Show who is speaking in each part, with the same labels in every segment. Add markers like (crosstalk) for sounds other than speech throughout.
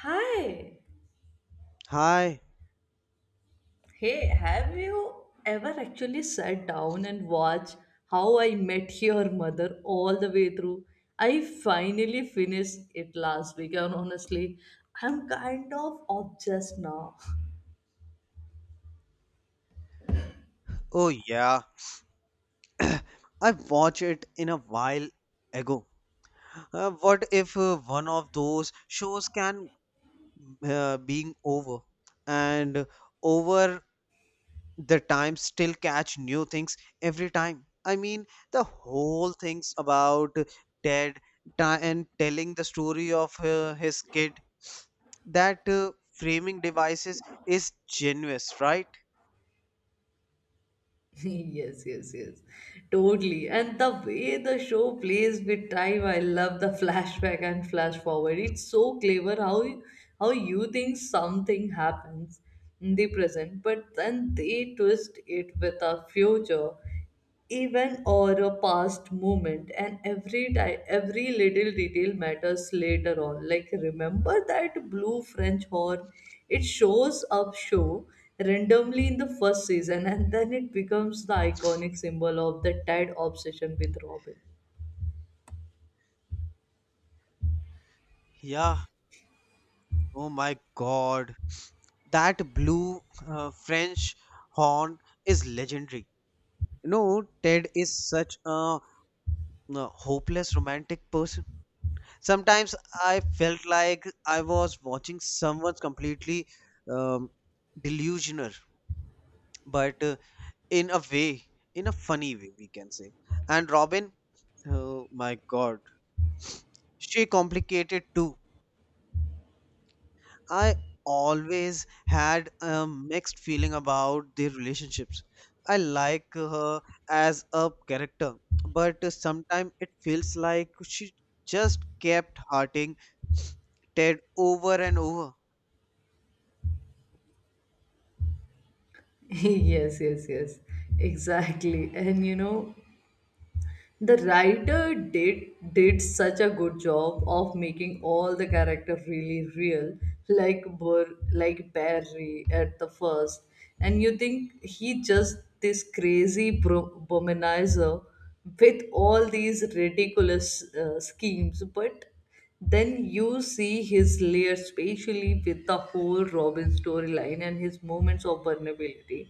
Speaker 1: Hi.
Speaker 2: Hi.
Speaker 1: Hey, have you ever actually sat down and watched How I Met Your Mother all the way through? I finally finished it last week, and honestly, I'm kind of obsessed now.
Speaker 2: Oh yeah, I watched it in a while ago. What if one of those shows can being over and over the time still catch new things every time. I mean, the whole things about Ted and telling the story of his kid that framing devices is genius, right?
Speaker 1: (laughs) Yes. Totally. And the way the show plays with time, I love the flashback and flash forward. It's so clever how you think something happens in the present, but then they twist it with a future even or a past moment. And every time, every little detail matters later on, like remember that blue french horn? It shows up show randomly in the first season, and then it becomes the iconic symbol of the Ted obsession with robin.
Speaker 2: Yeah, oh my God, that blue French horn is legendary. You know, Ted is such a, hopeless romantic person. Sometimes I felt like I was watching someone's completely um, delusional, but in a way, in a funny way, we can say. And Robin, oh my God, she complicated too. I always had a mixed feeling about their relationships. I like her as a character, but sometimes it feels like she just kept hurting Ted over and over.
Speaker 1: (laughs) Yes, exactly. And you know, the writer did such a good job of making all the character really real, like like Barry at the first, and you think he just this crazy womanizer with all these ridiculous schemes, but then you see his layer, especially with the whole Robin storyline and his moments of vulnerability.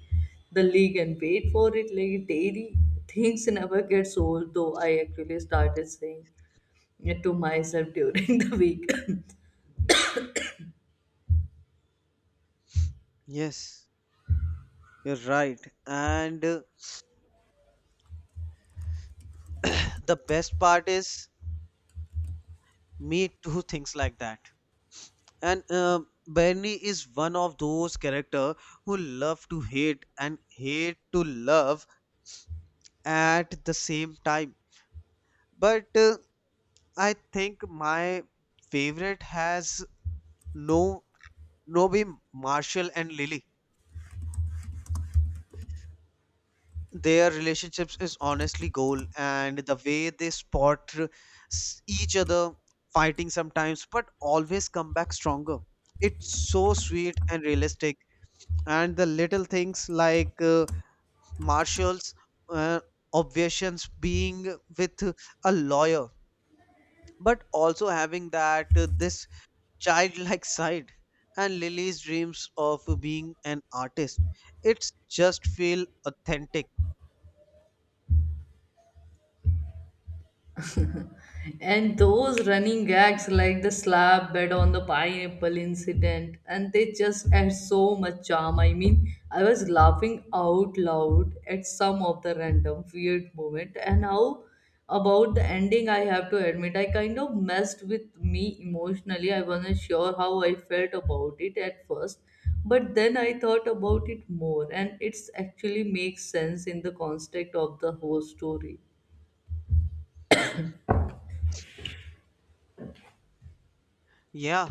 Speaker 1: The league and wait for it, like daily things, never gets old. Though I actually started saying it to myself during (laughs) the week.
Speaker 2: Yes, you're right. And (clears throat) the best part is me too thinks like that. And Bernie is one of those character who love to hate and hate to love at the same time. But I think my favorite has no Nobi Marshall and Lily. Their relationships is honestly goal, and the way they spot each other fighting sometimes, but always come back stronger. It's so sweet and realistic, and the little things like Marshall's uh, obsessions being with a lawyer, but also having that this childlike (laughs) side and Lily's dreams of being an artist. It's just feel authentic.
Speaker 1: And those running gags like the slab bed on the pineapple incident, and they just add so much charm. I mean, I was laughing out loud at some of the random weird moment. And how about the ending? I have to admit, I kind of messed with me emotionally. I wasn't sure how I felt about it at first, but then I thought about it more, and it's actually makes sense in the context of the whole story.
Speaker 2: Yeah,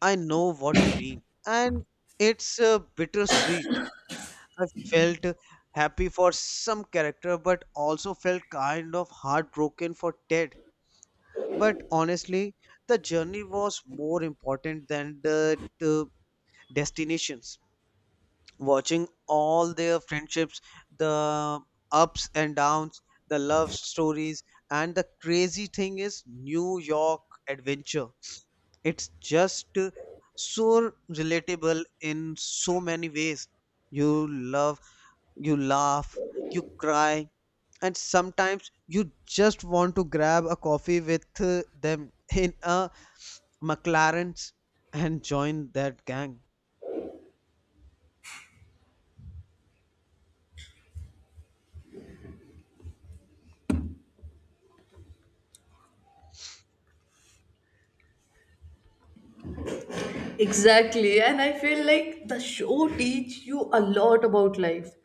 Speaker 2: I know what you mean. And it's bittersweet. I felt happy for some character but also felt kind of heartbroken for Ted. But honestly, the journey was more important than the destinations. Watching all their friendships, the ups and downs, the love stories, and the crazy thing is New York adventure. It's just so relatable in so many ways. You love, you laugh, you cry, and sometimes you just want to grab a coffee with them in a McLaren's and join that gang.
Speaker 1: Exactly. And I feel like the show teach you a lot about life,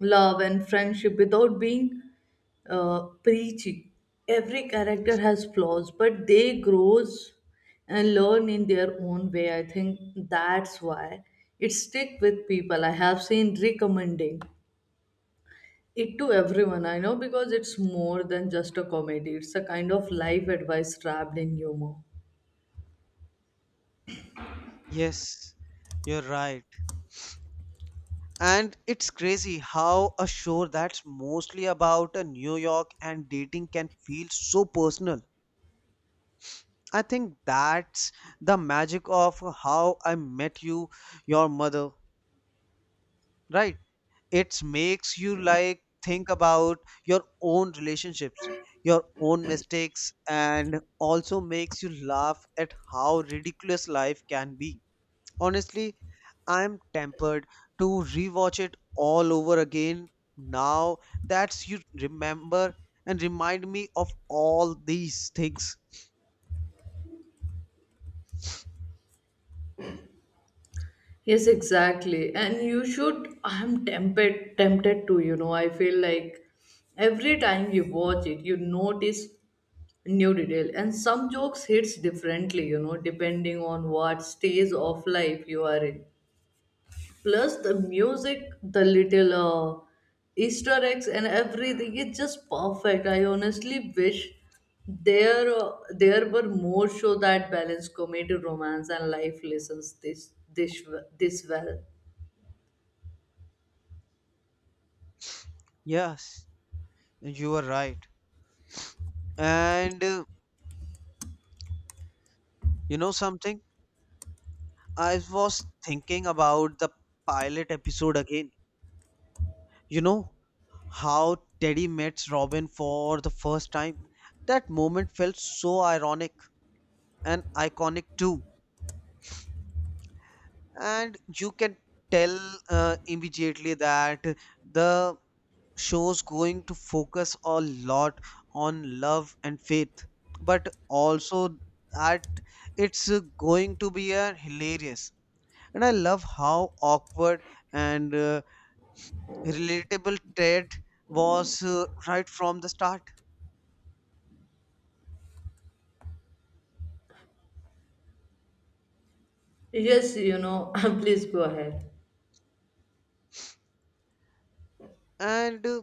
Speaker 1: love and friendship without being preachy. Every character has flaws, but they grows and learn in their own way. I think that's why it stick with people. I have seen recommending it to everyone I know, because it's more than just a comedy. It's a kind of life advice trapped in humor.
Speaker 2: Yes, you're right. And it's crazy how a show that's mostly about a New York and dating can feel so personal. I think that's the magic of how I met you, your mother, right? It makes you like think about your own relationships, your own mistakes, and also makes you laugh at how ridiculous life can be. Honestly, I'm tempted to rewatch it all over again now that you remember and remind me of all these things.
Speaker 1: Yes, exactly. And you should, I'm tempted to. I feel like every time you watch it, you notice new detail. And some jokes hits differently, you know, depending on what stage of life you are in. Plus the music, the little Easter eggs and everything, it's just perfect. I honestly wish there were more show that balance comedy, romance, and life lessons this well.
Speaker 2: Yes, you were right. And you know something? I was thinking about the pilot episode again. You know how Teddy meets Robin for the first time? That moment felt so ironic and iconic too. And you can tell immediately that the show's going to focus a lot on love and faith, but also that it's going to be a hilarious, and I love how awkward and relatable Ted was right from the start.
Speaker 1: Yes, you know, (laughs) please go ahead.
Speaker 2: And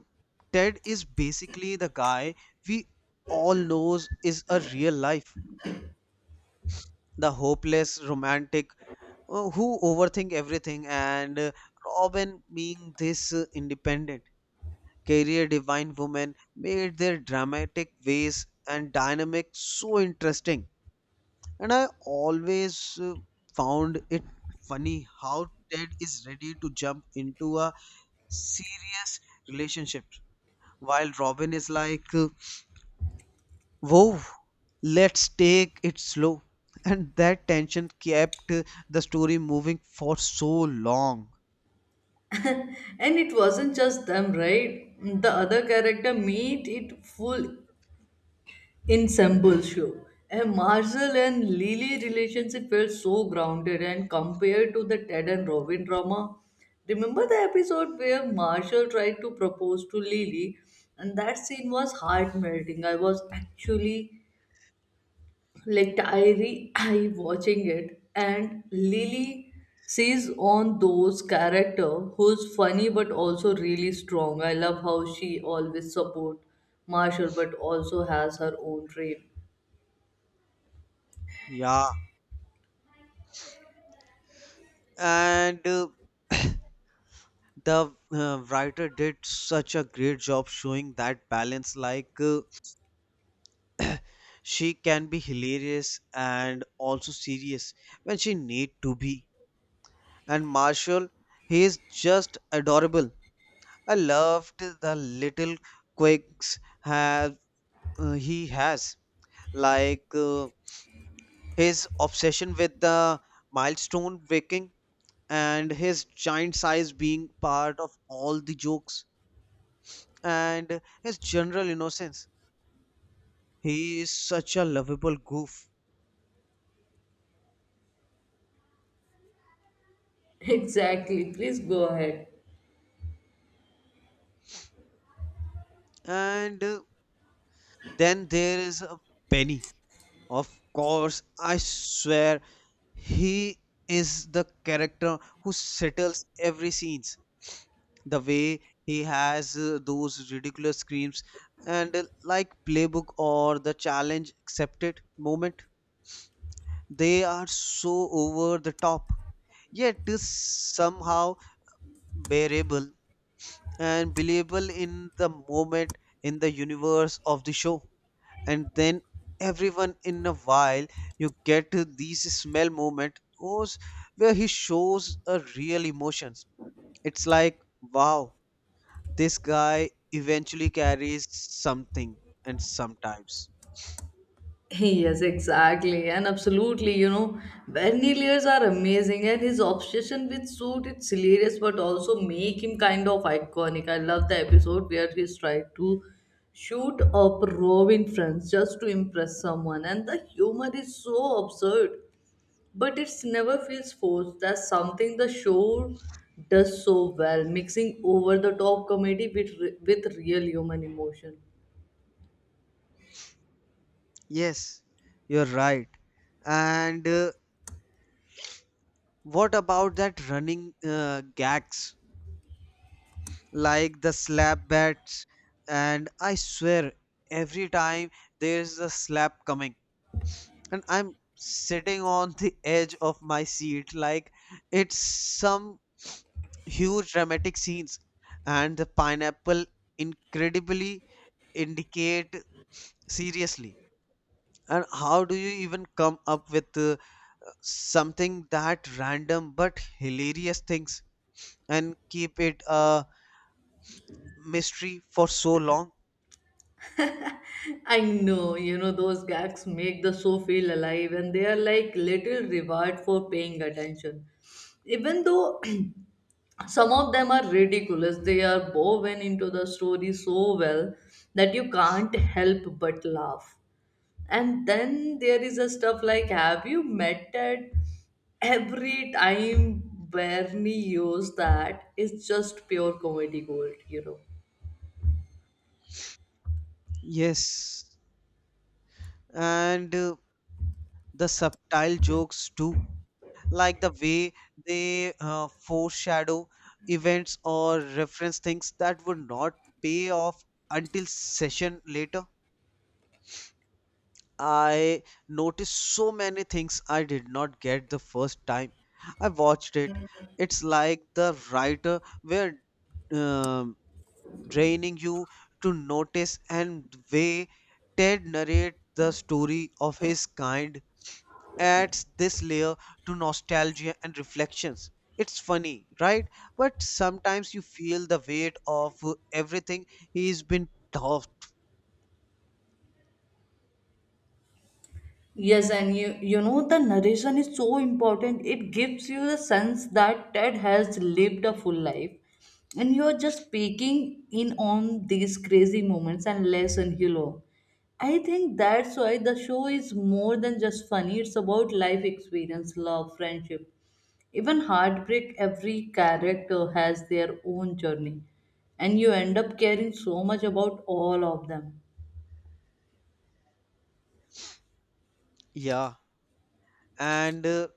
Speaker 2: Ted is basically the guy we all knows is a real life, the hopeless romantic, who overthink everything. And Robin being this independent career divine woman made their dramatic ways and dynamic so interesting. And I always found it funny how Ted is ready to jump into a serious relationship while Robin is like whoa, let's take it slow (laughs) and that tension kept the story moving for so long.
Speaker 1: And it wasn't just them, right? The other character made it full ensemble show. And Marcel and Lily relationship felt so grounded and compared to the Ted and Robin drama. Remember the episode where Marshall tried to propose to Lily, and that scene was heart melting. I was actually like I watching it, and Lily sees on those character who's funny but also really strong. I love how she always support Marshall but also has her own dream.
Speaker 2: Yeah, and the writer did such a great job showing that balance, like she can be hilarious and also serious when she need to be. And Marshall, he is just adorable. I loved the little quirks have he has, like his obsession with the milestone waking and his giant size being part of all the jokes and his general innocence. He is such a lovable goof.
Speaker 1: (laughs) Exactly. Please go ahead.
Speaker 2: And then there is a Benny. Of course, I swear he is the character who settles every scenes. The way he has those ridiculous screams and like playbook or the challenge accepted moment, they are so over the top yet is somehow bearable and believable in the moment in the universe of the show. And then everyone in a while you get to these smell moment those where he shows a real emotions. It's like wow, this guy eventually carries something. And sometimes
Speaker 1: (laughs) Yes, exactly, and absolutely. You know, Berniliers are amazing, and his obsession with suit it's hilarious, but also make him kind of iconic. I love the episode where he's tried to shoot up Robin France just to impress someone, and the humor is so absurd, but it's never feels forced. That's something the show does so well, mixing over the top comedy with with real human emotion.
Speaker 2: yes, you're right. And what about that running gags like the slap bats, and I swear every time there's a slap coming and I'm sitting on the edge of my seat like it's some huge dramatic scenes. And the pineapple incredibly indicate seriously, and how do you even come up with something that random but hilarious things and keep it a mystery for so long?
Speaker 1: I know, you know, those gags make the show feel alive, and they are like little reward for paying attention. Even though (clears throat) some of them are ridiculous, they are woven into the story so well that you can't help but laugh. And then there is a stuff like have you met at every time Bernie used, that is just pure comedy gold, you know.
Speaker 2: Yes, and the subtle jokes too, like the way they foreshadow events or reference things that would not pay off until session later. I noticed so many things I did not get the first time I watched it. It's like the writer were um, draining you to notice. And the way Ted narrate the story of his kind adds this layer to nostalgia and reflections. It's funny, right? But sometimes you feel the weight of everything he's been taught.
Speaker 1: Yes, and you know, the narration is so important. It gives you the sense that Ted has lived a full life. And you're just peeking in on these crazy moments and lesson he learned. I think that's why the show is more than just funny. It's about life experience, love, friendship, even heartbreak. Every character has their own journey. And you end up caring so much about all of them.
Speaker 2: Yeah, and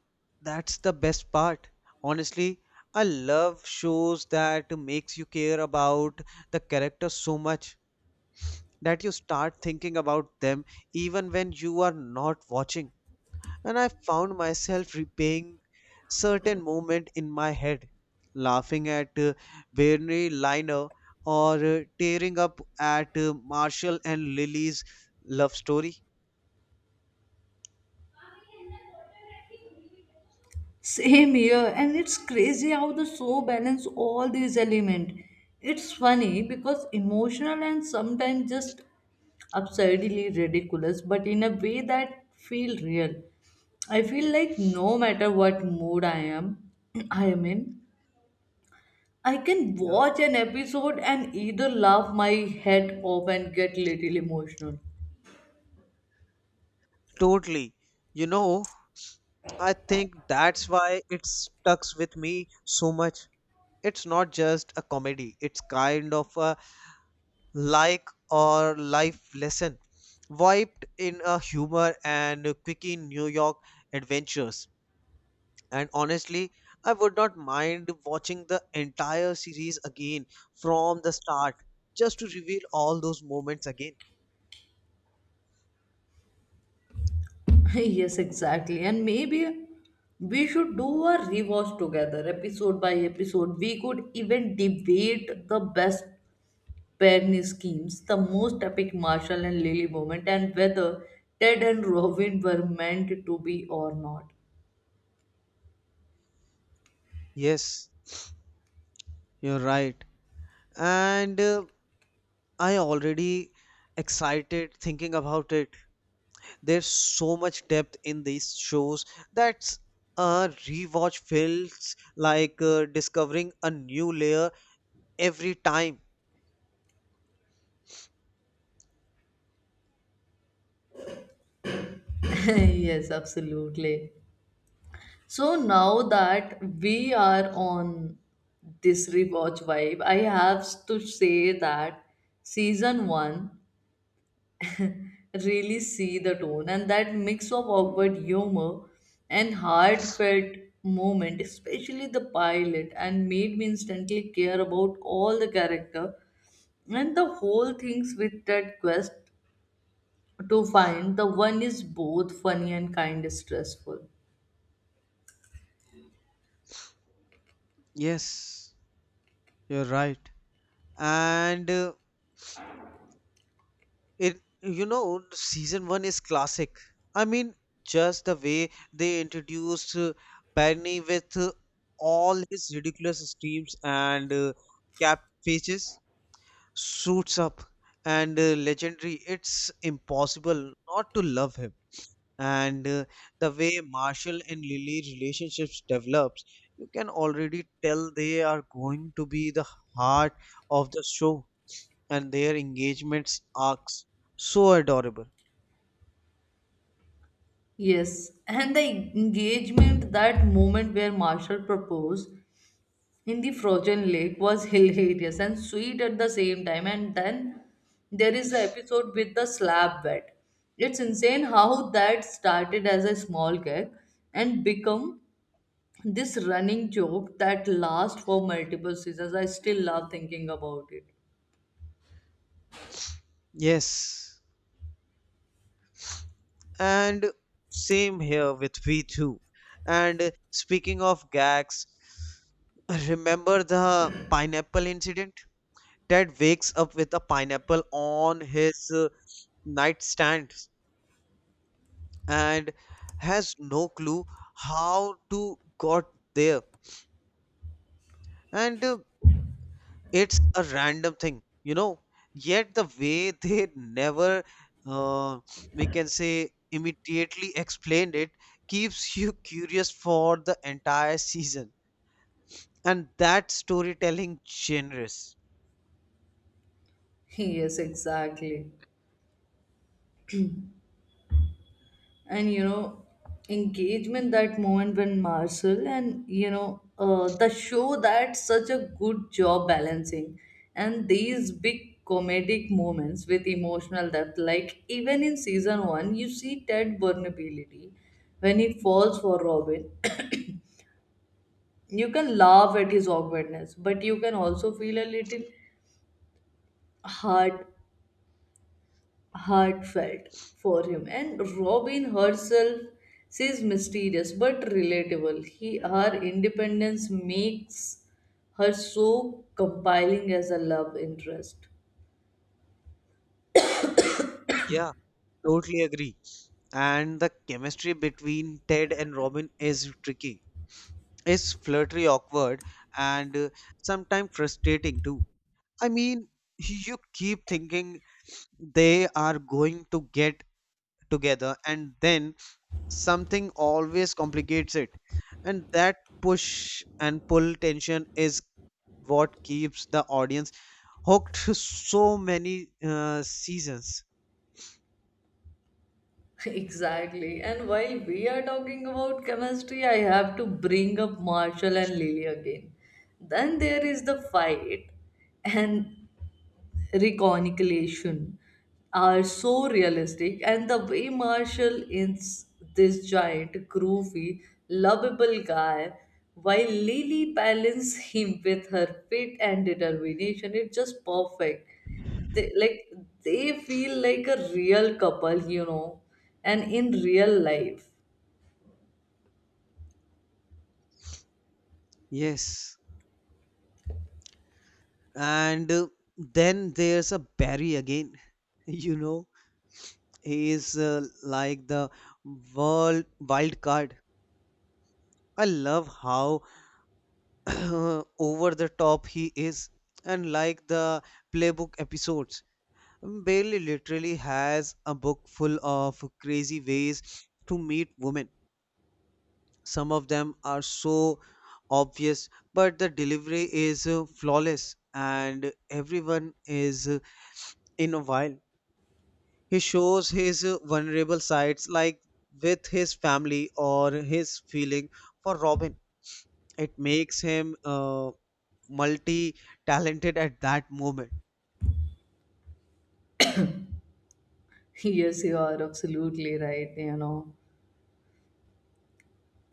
Speaker 2: that's the best part. Honestly, I love shows that makes you care about the characters so much that you start thinking about them even when you are not watching. And I found myself replaying certain moment in my head, laughing at Bernie Liner or tearing up at Marshall and Lily's love story.
Speaker 1: Same here, and it's crazy how the show balance all these elements. It's funny because emotional and sometimes just absurdly ridiculous, but in a way that feel real. I feel like no matter what mood (clears throat) I am in, I can
Speaker 2: Yeah,
Speaker 1: watch an episode and either laugh my head off and get little emotional.
Speaker 2: totally. You know, I think that's why it stucks with me so much. It's not just a comedy; it's kind of a like or life lesson, wiped in a humor and quickie New York adventures. And honestly, I would not mind watching the entire series again from the start just to reveal all those moments again.
Speaker 1: (laughs) Yes, exactly. And maybe we should do a rewatch together, episode by episode. We could even debate the best Penny schemes, the most epic Marshall and Lily moment, and whether Ted and Robin were meant to be or not.
Speaker 2: Yes, you're right. And I already excited thinking about it. There's so much depth in these shows that a rewatch feels like discovering a new layer every time.
Speaker 1: (laughs) Yes, absolutely. So now that we are on this rewatch vibe, I have to say that season one really see the tone and that mix of awkward humor and heartfelt moment, especially the pilot, and made me instantly care about all the character. And the whole things with that quest to find the one is both funny and kind of stressful.
Speaker 2: Yes, you're right. And it, you know, season one is classic. I mean, just the way they introduced Barney with all his ridiculous streams and cap pages, suits up and legendary, it's impossible not to love him. And the way Marshall and Lily relationships develops, you can already tell they are going to be the heart of the show, and their engagements arcs so adorable.
Speaker 1: Yes, and the engagement, that moment where marshall proposed in the frozen lake, was hilarious and sweet at the same time. And then there is the episode with the slab bed. It's insane how that started as a small gag and become this running joke that lasts for multiple seasons. I still love thinking about it.
Speaker 2: Yes, and same here with V2. And speaking of gags, remember the pineapple incident? Ted wakes up with a pineapple on his nightstand and has no clue how to got there. And it's a random thing, you know. Yet the way they (laughs) never, uh, we can say, immediately explained it keeps you (laughs) curious for the entire season. And that storytelling generous.
Speaker 1: (laughs) Yes, exactly. And you know, engagement, that moment when marcel and you know the show that such a good job balancing and these big comedic moments with emotional depth, like even in season one you see ted vulnerability when he falls for robin. (coughs) You can laugh at his awkwardness, but you can also feel a little hurt, heartfelt for him. And Robin herself says mysterious but relatable. He her independence makes her so compelling as a love interest.
Speaker 2: Yeah, totally agree. And the chemistry between Ted and Robin is tricky. It's flirty, awkward, and sometimes frustrating too. I mean, you keep thinking they are going to get together and then something always complicates it. And that push and pull tension is what keeps the audience hooked (laughs) so many seasons.
Speaker 1: (laughs) Exactly. And while we are talking about chemistry, I have to bring up Marshall and Lily again. Then there is the fight and reconciliation are so realistic, and the way Marshall is this giant, groovy, lovable guy, while Lily balances him with her wit and determination. It's just perfect. They like they feel like a real couple, you know, and in real life.
Speaker 2: Yes, and then there's a Barry again. (laughs) You know, he is like the world wild card. I love how (clears throat) over the top he is, and like the playbook episodes, Bill literally has a book full of crazy ways to meet women. Some of them are so obvious, but the delivery is flawless, and everyone is in a while. He shows his vulnerable sides, like with his family or his feeling for Robin. It makes him multi talented at that moment.
Speaker 1: (laughs) Yes, you are absolutely right, you know.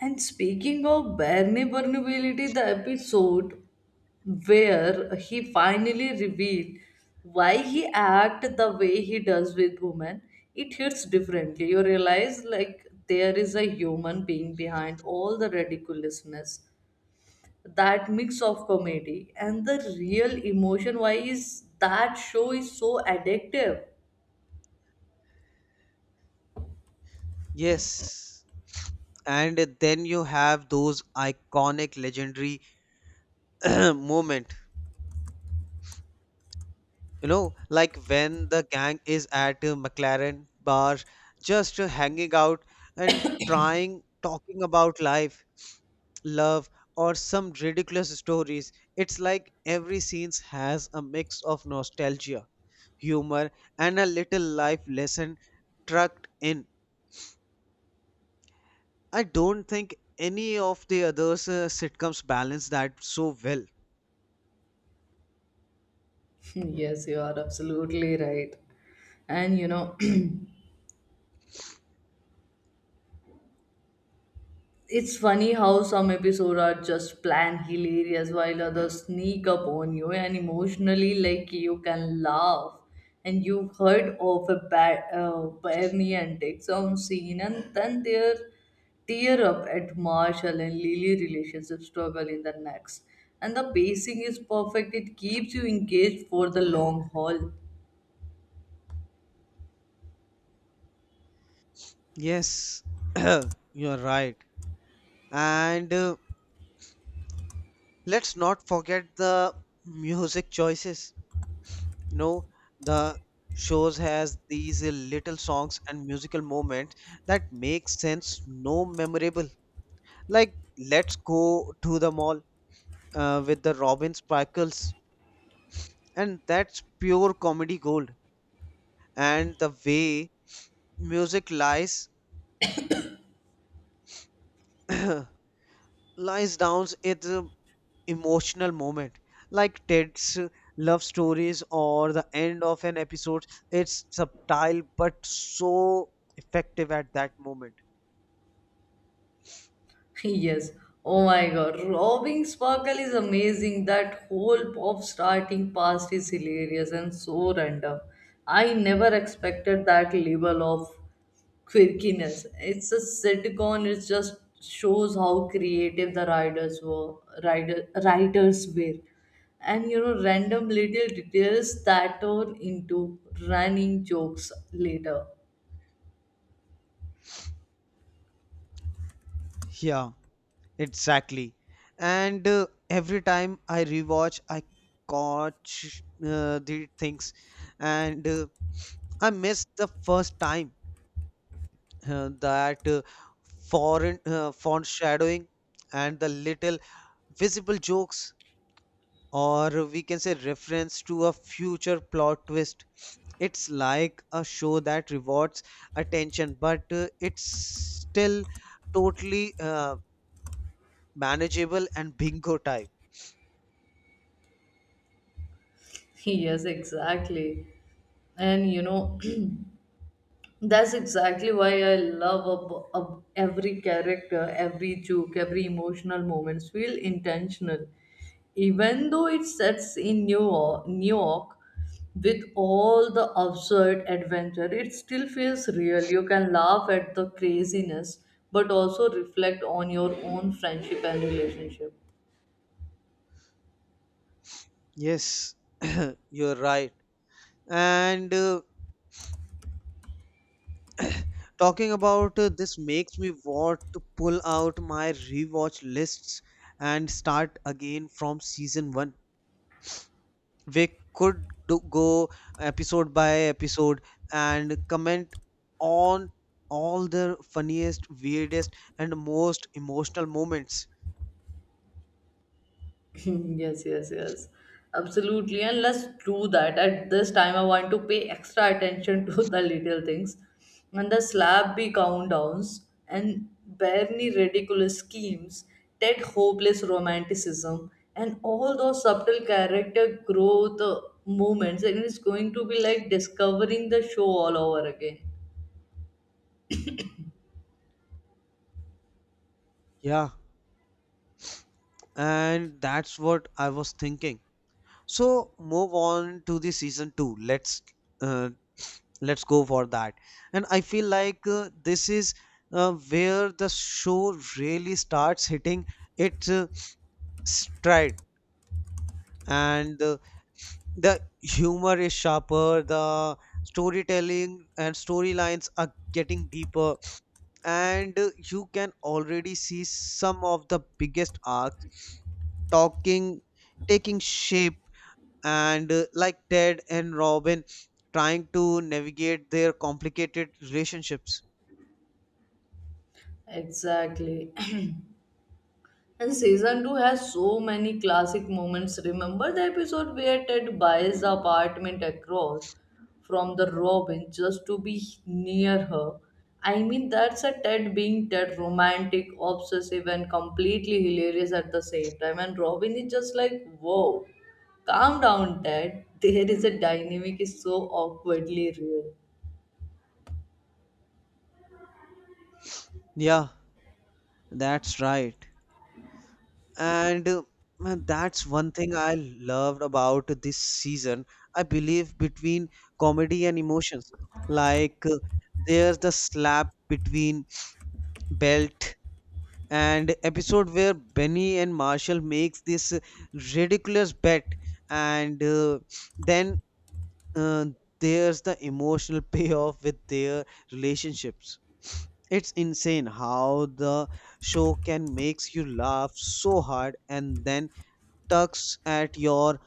Speaker 1: And speaking of bare vulnerability, the episode where he finally revealed why he act the way he does with women, it hits differently. You realize like there is a human being behind all the ridiculousness. That mix of comedy and the real emotion, why is that show is so addictive.
Speaker 2: Yes. And then you have those iconic legendary (clears throat) moment, you know, like when the gang is at a McLaren bar just hanging out and trying talking about life, love, or some ridiculous stories. It's like every scene has a mix of nostalgia, humor, and a little life lesson trucked in. I don't think any of the others sitcoms balance that so well.
Speaker 1: (laughs) Yes, you are absolutely right. And you know, (clears throat) it's funny how some episodes are just plain hilarious while others sneak up on you and emotionally, like you can laugh. And you've heard of a bad Bernie and take some scene, and then their tear up at Marshall and Lily relationship struggle in the next. And the pacing is perfect. It keeps you engaged for the long haul.
Speaker 2: Yes, (clears throat) you're right. And let's not forget the music choices. You know, the shows has these little songs and musical moments that make sense, no memorable. Like Let's Go to the Mall with the Robin Sparkles, and that's pure comedy gold. And the way music lies (clears throat) lies down, it emotional moment like Ted's love stories or the end of an episode, it's subtle but so effective at that moment.
Speaker 1: (laughs) Yes. Oh my God. Robbing Sparkle is amazing. That whole pop starting past is hilarious and so random. I never expected that level of quirkiness. It's a sitcom. It just shows how creative the writers were. Writers were. And you know, random little details that turn into running jokes later. (laughs)
Speaker 2: Yeah, exactly. And every time I rewatch, I catch the things and I miss the first time that foreign foreshadowing and the little visible jokes, or we can say reference to a future plot twist. It's like a show that rewards attention, but it's still totally manageable and bingo type.
Speaker 1: Yes, exactly. And you know. (clears throat) That's exactly why I love every character, every joke, every emotional moments feel intentional. Even though it sets in New York with all the absurd adventure, it still feels real. You can laugh at the craziness, but also reflect on your own friendship and relationship.
Speaker 2: Yes, (coughs) (clears throat) you're right. And Talking about this makes me want to pull out my rewatch lists and start again from season one. We could go episode by episode and comment on all the funniest weirdest and most emotional moments.
Speaker 1: (laughs) Yes. Absolutely. And let's do that. At this time, I want to pay extra attention to (laughs) the little things. And the slab countdowns and barely ridiculous schemes, that hopeless romanticism, and all those subtle character growth moments. And it's going to be like discovering the show all over again.
Speaker 2: Yeah, and that's what I was thinking, so move on to the season 2. Uh, let's go for that. And I feel like this is where the show really starts hitting its stride. And The humor is sharper, the storytelling and storylines are getting deeper. And you can already see some of the biggest arcs talking taking shape. And like Ted and Robin trying to navigate their complicated relationships.
Speaker 1: Exactly. And season 2 has so many classic moments. Remember the episode where Ted buys the apartment across from the Robin just to be near her? I mean, that's a Ted being Ted, romantic, obsessive, and completely hilarious at the same time. And Robin is just like, whoa, calm down, Ted. There is a dynamic is so awkwardly real.
Speaker 2: Yeah, that's right. And Man, that's one thing I loved about this season. I believe between comedy and emotions. Like uh, there's the slap between Belt and episode where Benny and Marshall makes this ridiculous bet, and then uh, there's the emotional (laughs) payoff with their relationships. It's insane how the show can makes you laugh so hard and then tugs at your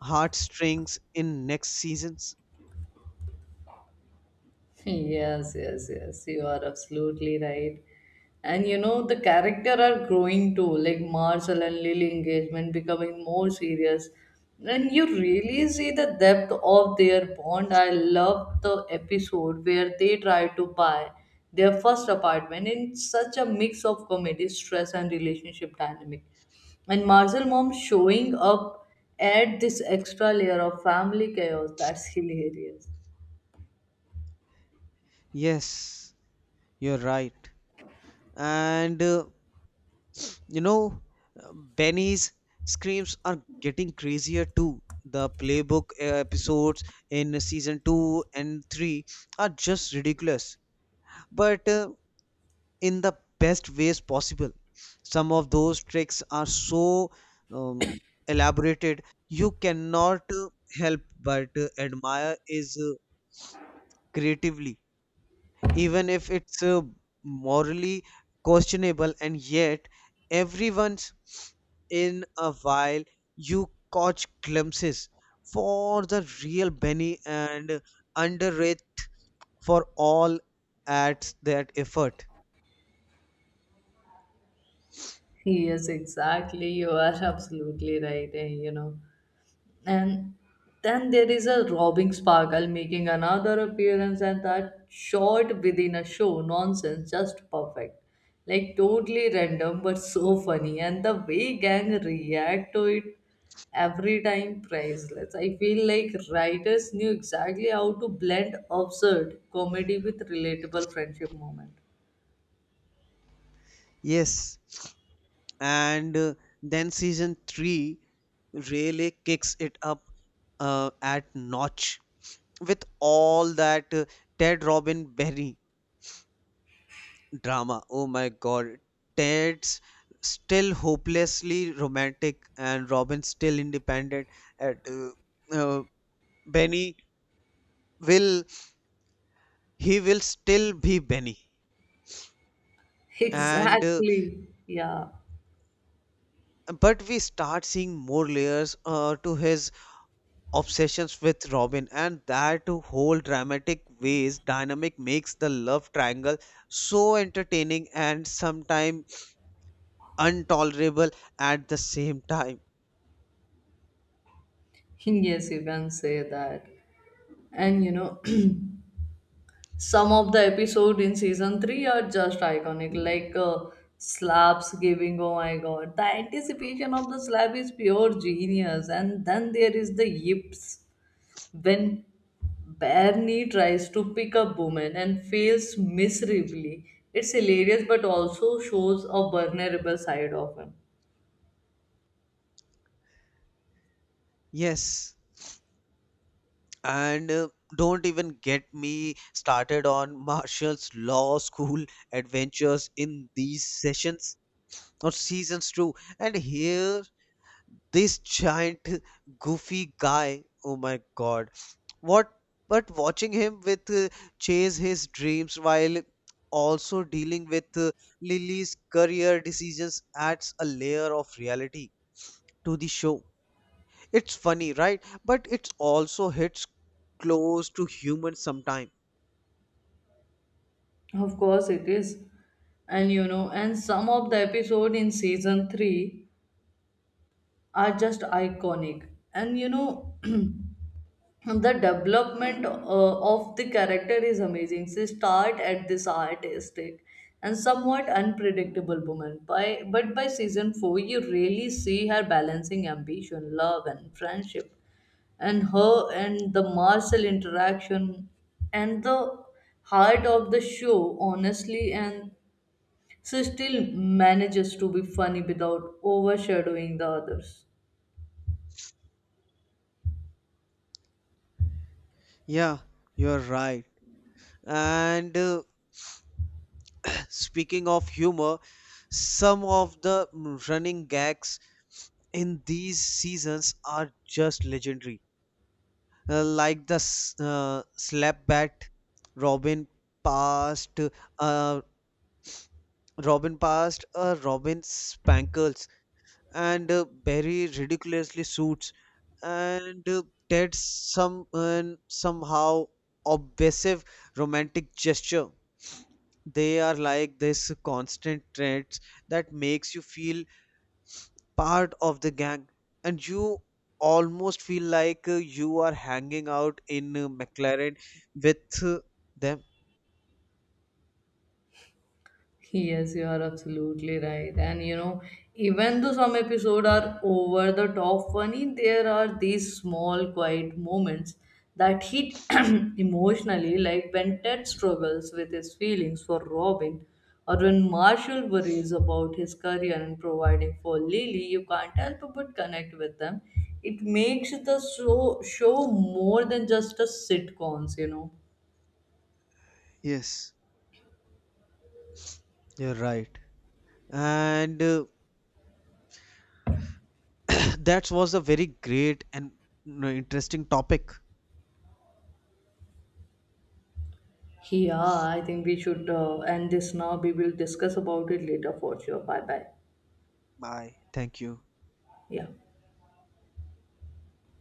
Speaker 2: heartstrings in next seasons?
Speaker 1: Yes. You are absolutely right. And you know, the character are growing too, like Marshall and Lily engagement becoming more serious. And you really see the depth of their bond. I love the episode where they try to buy their first apartment, in such a mix of comedy, stress, and relationship dynamic. And Marshall mom showing up add this extra layer of family chaos. That's hilarious.
Speaker 2: Yes, you're right. And You know, Benny's screams are getting crazier too. The playbook episodes in season 2 and 3 are just ridiculous, but in the best ways possible. Some of those tricks are so um, elaborated, you cannot help but admire is creatively, even if it's morally questionable. And yet every once in a while you catch glimpses for the real Benny, and underrated for all at that effort.
Speaker 1: Yes, exactly. You are (laughs) absolutely right. You know, and then there is a robbing sparkle making another appearance, and that short within a show nonsense, just perfect. Like totally random, but so funny, and the way gang react to it every time priceless. I feel like writers knew exactly how to blend absurd comedy with relatable friendship moment.
Speaker 2: Yes, and then season 3 really kicks it up at notch with all that Ted Robin Berry drama. Oh my god. Ted's still hopelessly romantic and Robin's still independent, and uh, Benny will, he will still be Benny.
Speaker 1: (laughs)
Speaker 2: And
Speaker 1: Exactly. Yeah.
Speaker 2: But we start seeing more layers to his obsessions with Robin, and that whole dramatic ways dynamic makes the love triangle so entertaining and sometimes intolerable at the same time.
Speaker 1: (laughs) Yes, you can say that. And you know, (clears throat) some of the episode in season 3 are just iconic, like slaps giving, oh my god. The anticipation of the slap is pure genius. And then there is the yips when Barney tries to pick up woman and fails miserably. It's hilarious but also shows a vulnerable side of him.
Speaker 2: Yes. And Don't even get me started on (laughs) Marshall's law school (laughs) adventures in these sessions or seasons too. And here, this giant goofy guy. Oh my god. What? But watching him with chase his dreams while also dealing with Lily's career decisions adds a layer of reality to the show. It's funny, right? But it also hits close to humor sometime.
Speaker 1: Of course it is. And you know, and some of the episode in season 3 are just iconic. And you know, (clears throat) the development of the character is amazing. She start at this artistic and somewhat unpredictable woman, by but by season 4 you really see her balancing ambition, love and friendship. And her and the Marcel interaction and the heart of the show, honestly, and she still manages to be funny without overshadowing the others.
Speaker 2: Yeah, you're right. And (clears throat) Speaking of humor, some of the running gags in these seasons are just legendary. Like the slap bat, Robin passed, uh, Robin passed, Robin spankles, and Barry ridiculously suits. And that's somehow obsessive romantic gesture. They are like this constant threats that makes you feel part of the gang, and you almost feel like you are hanging out in Mclaren with them.
Speaker 1: Yes, you are absolutely right. And you know, even though some episodes are over the top funny, there are these small, quiet moments that hit (clears throat) emotionally, like when Ted struggles with his feelings for Robin, or when Marshall worries about his career and providing for Lily. You can't help but connect with them. It makes the show more than just a sitcoms, you know.
Speaker 2: Yes, you're right. And (clears throat) that was a very great and, you know, interesting topic.
Speaker 1: Yeah, I think we should end this now. We will discuss about it later for sure. Bye bye.
Speaker 2: Bye, thank you.
Speaker 1: Yeah.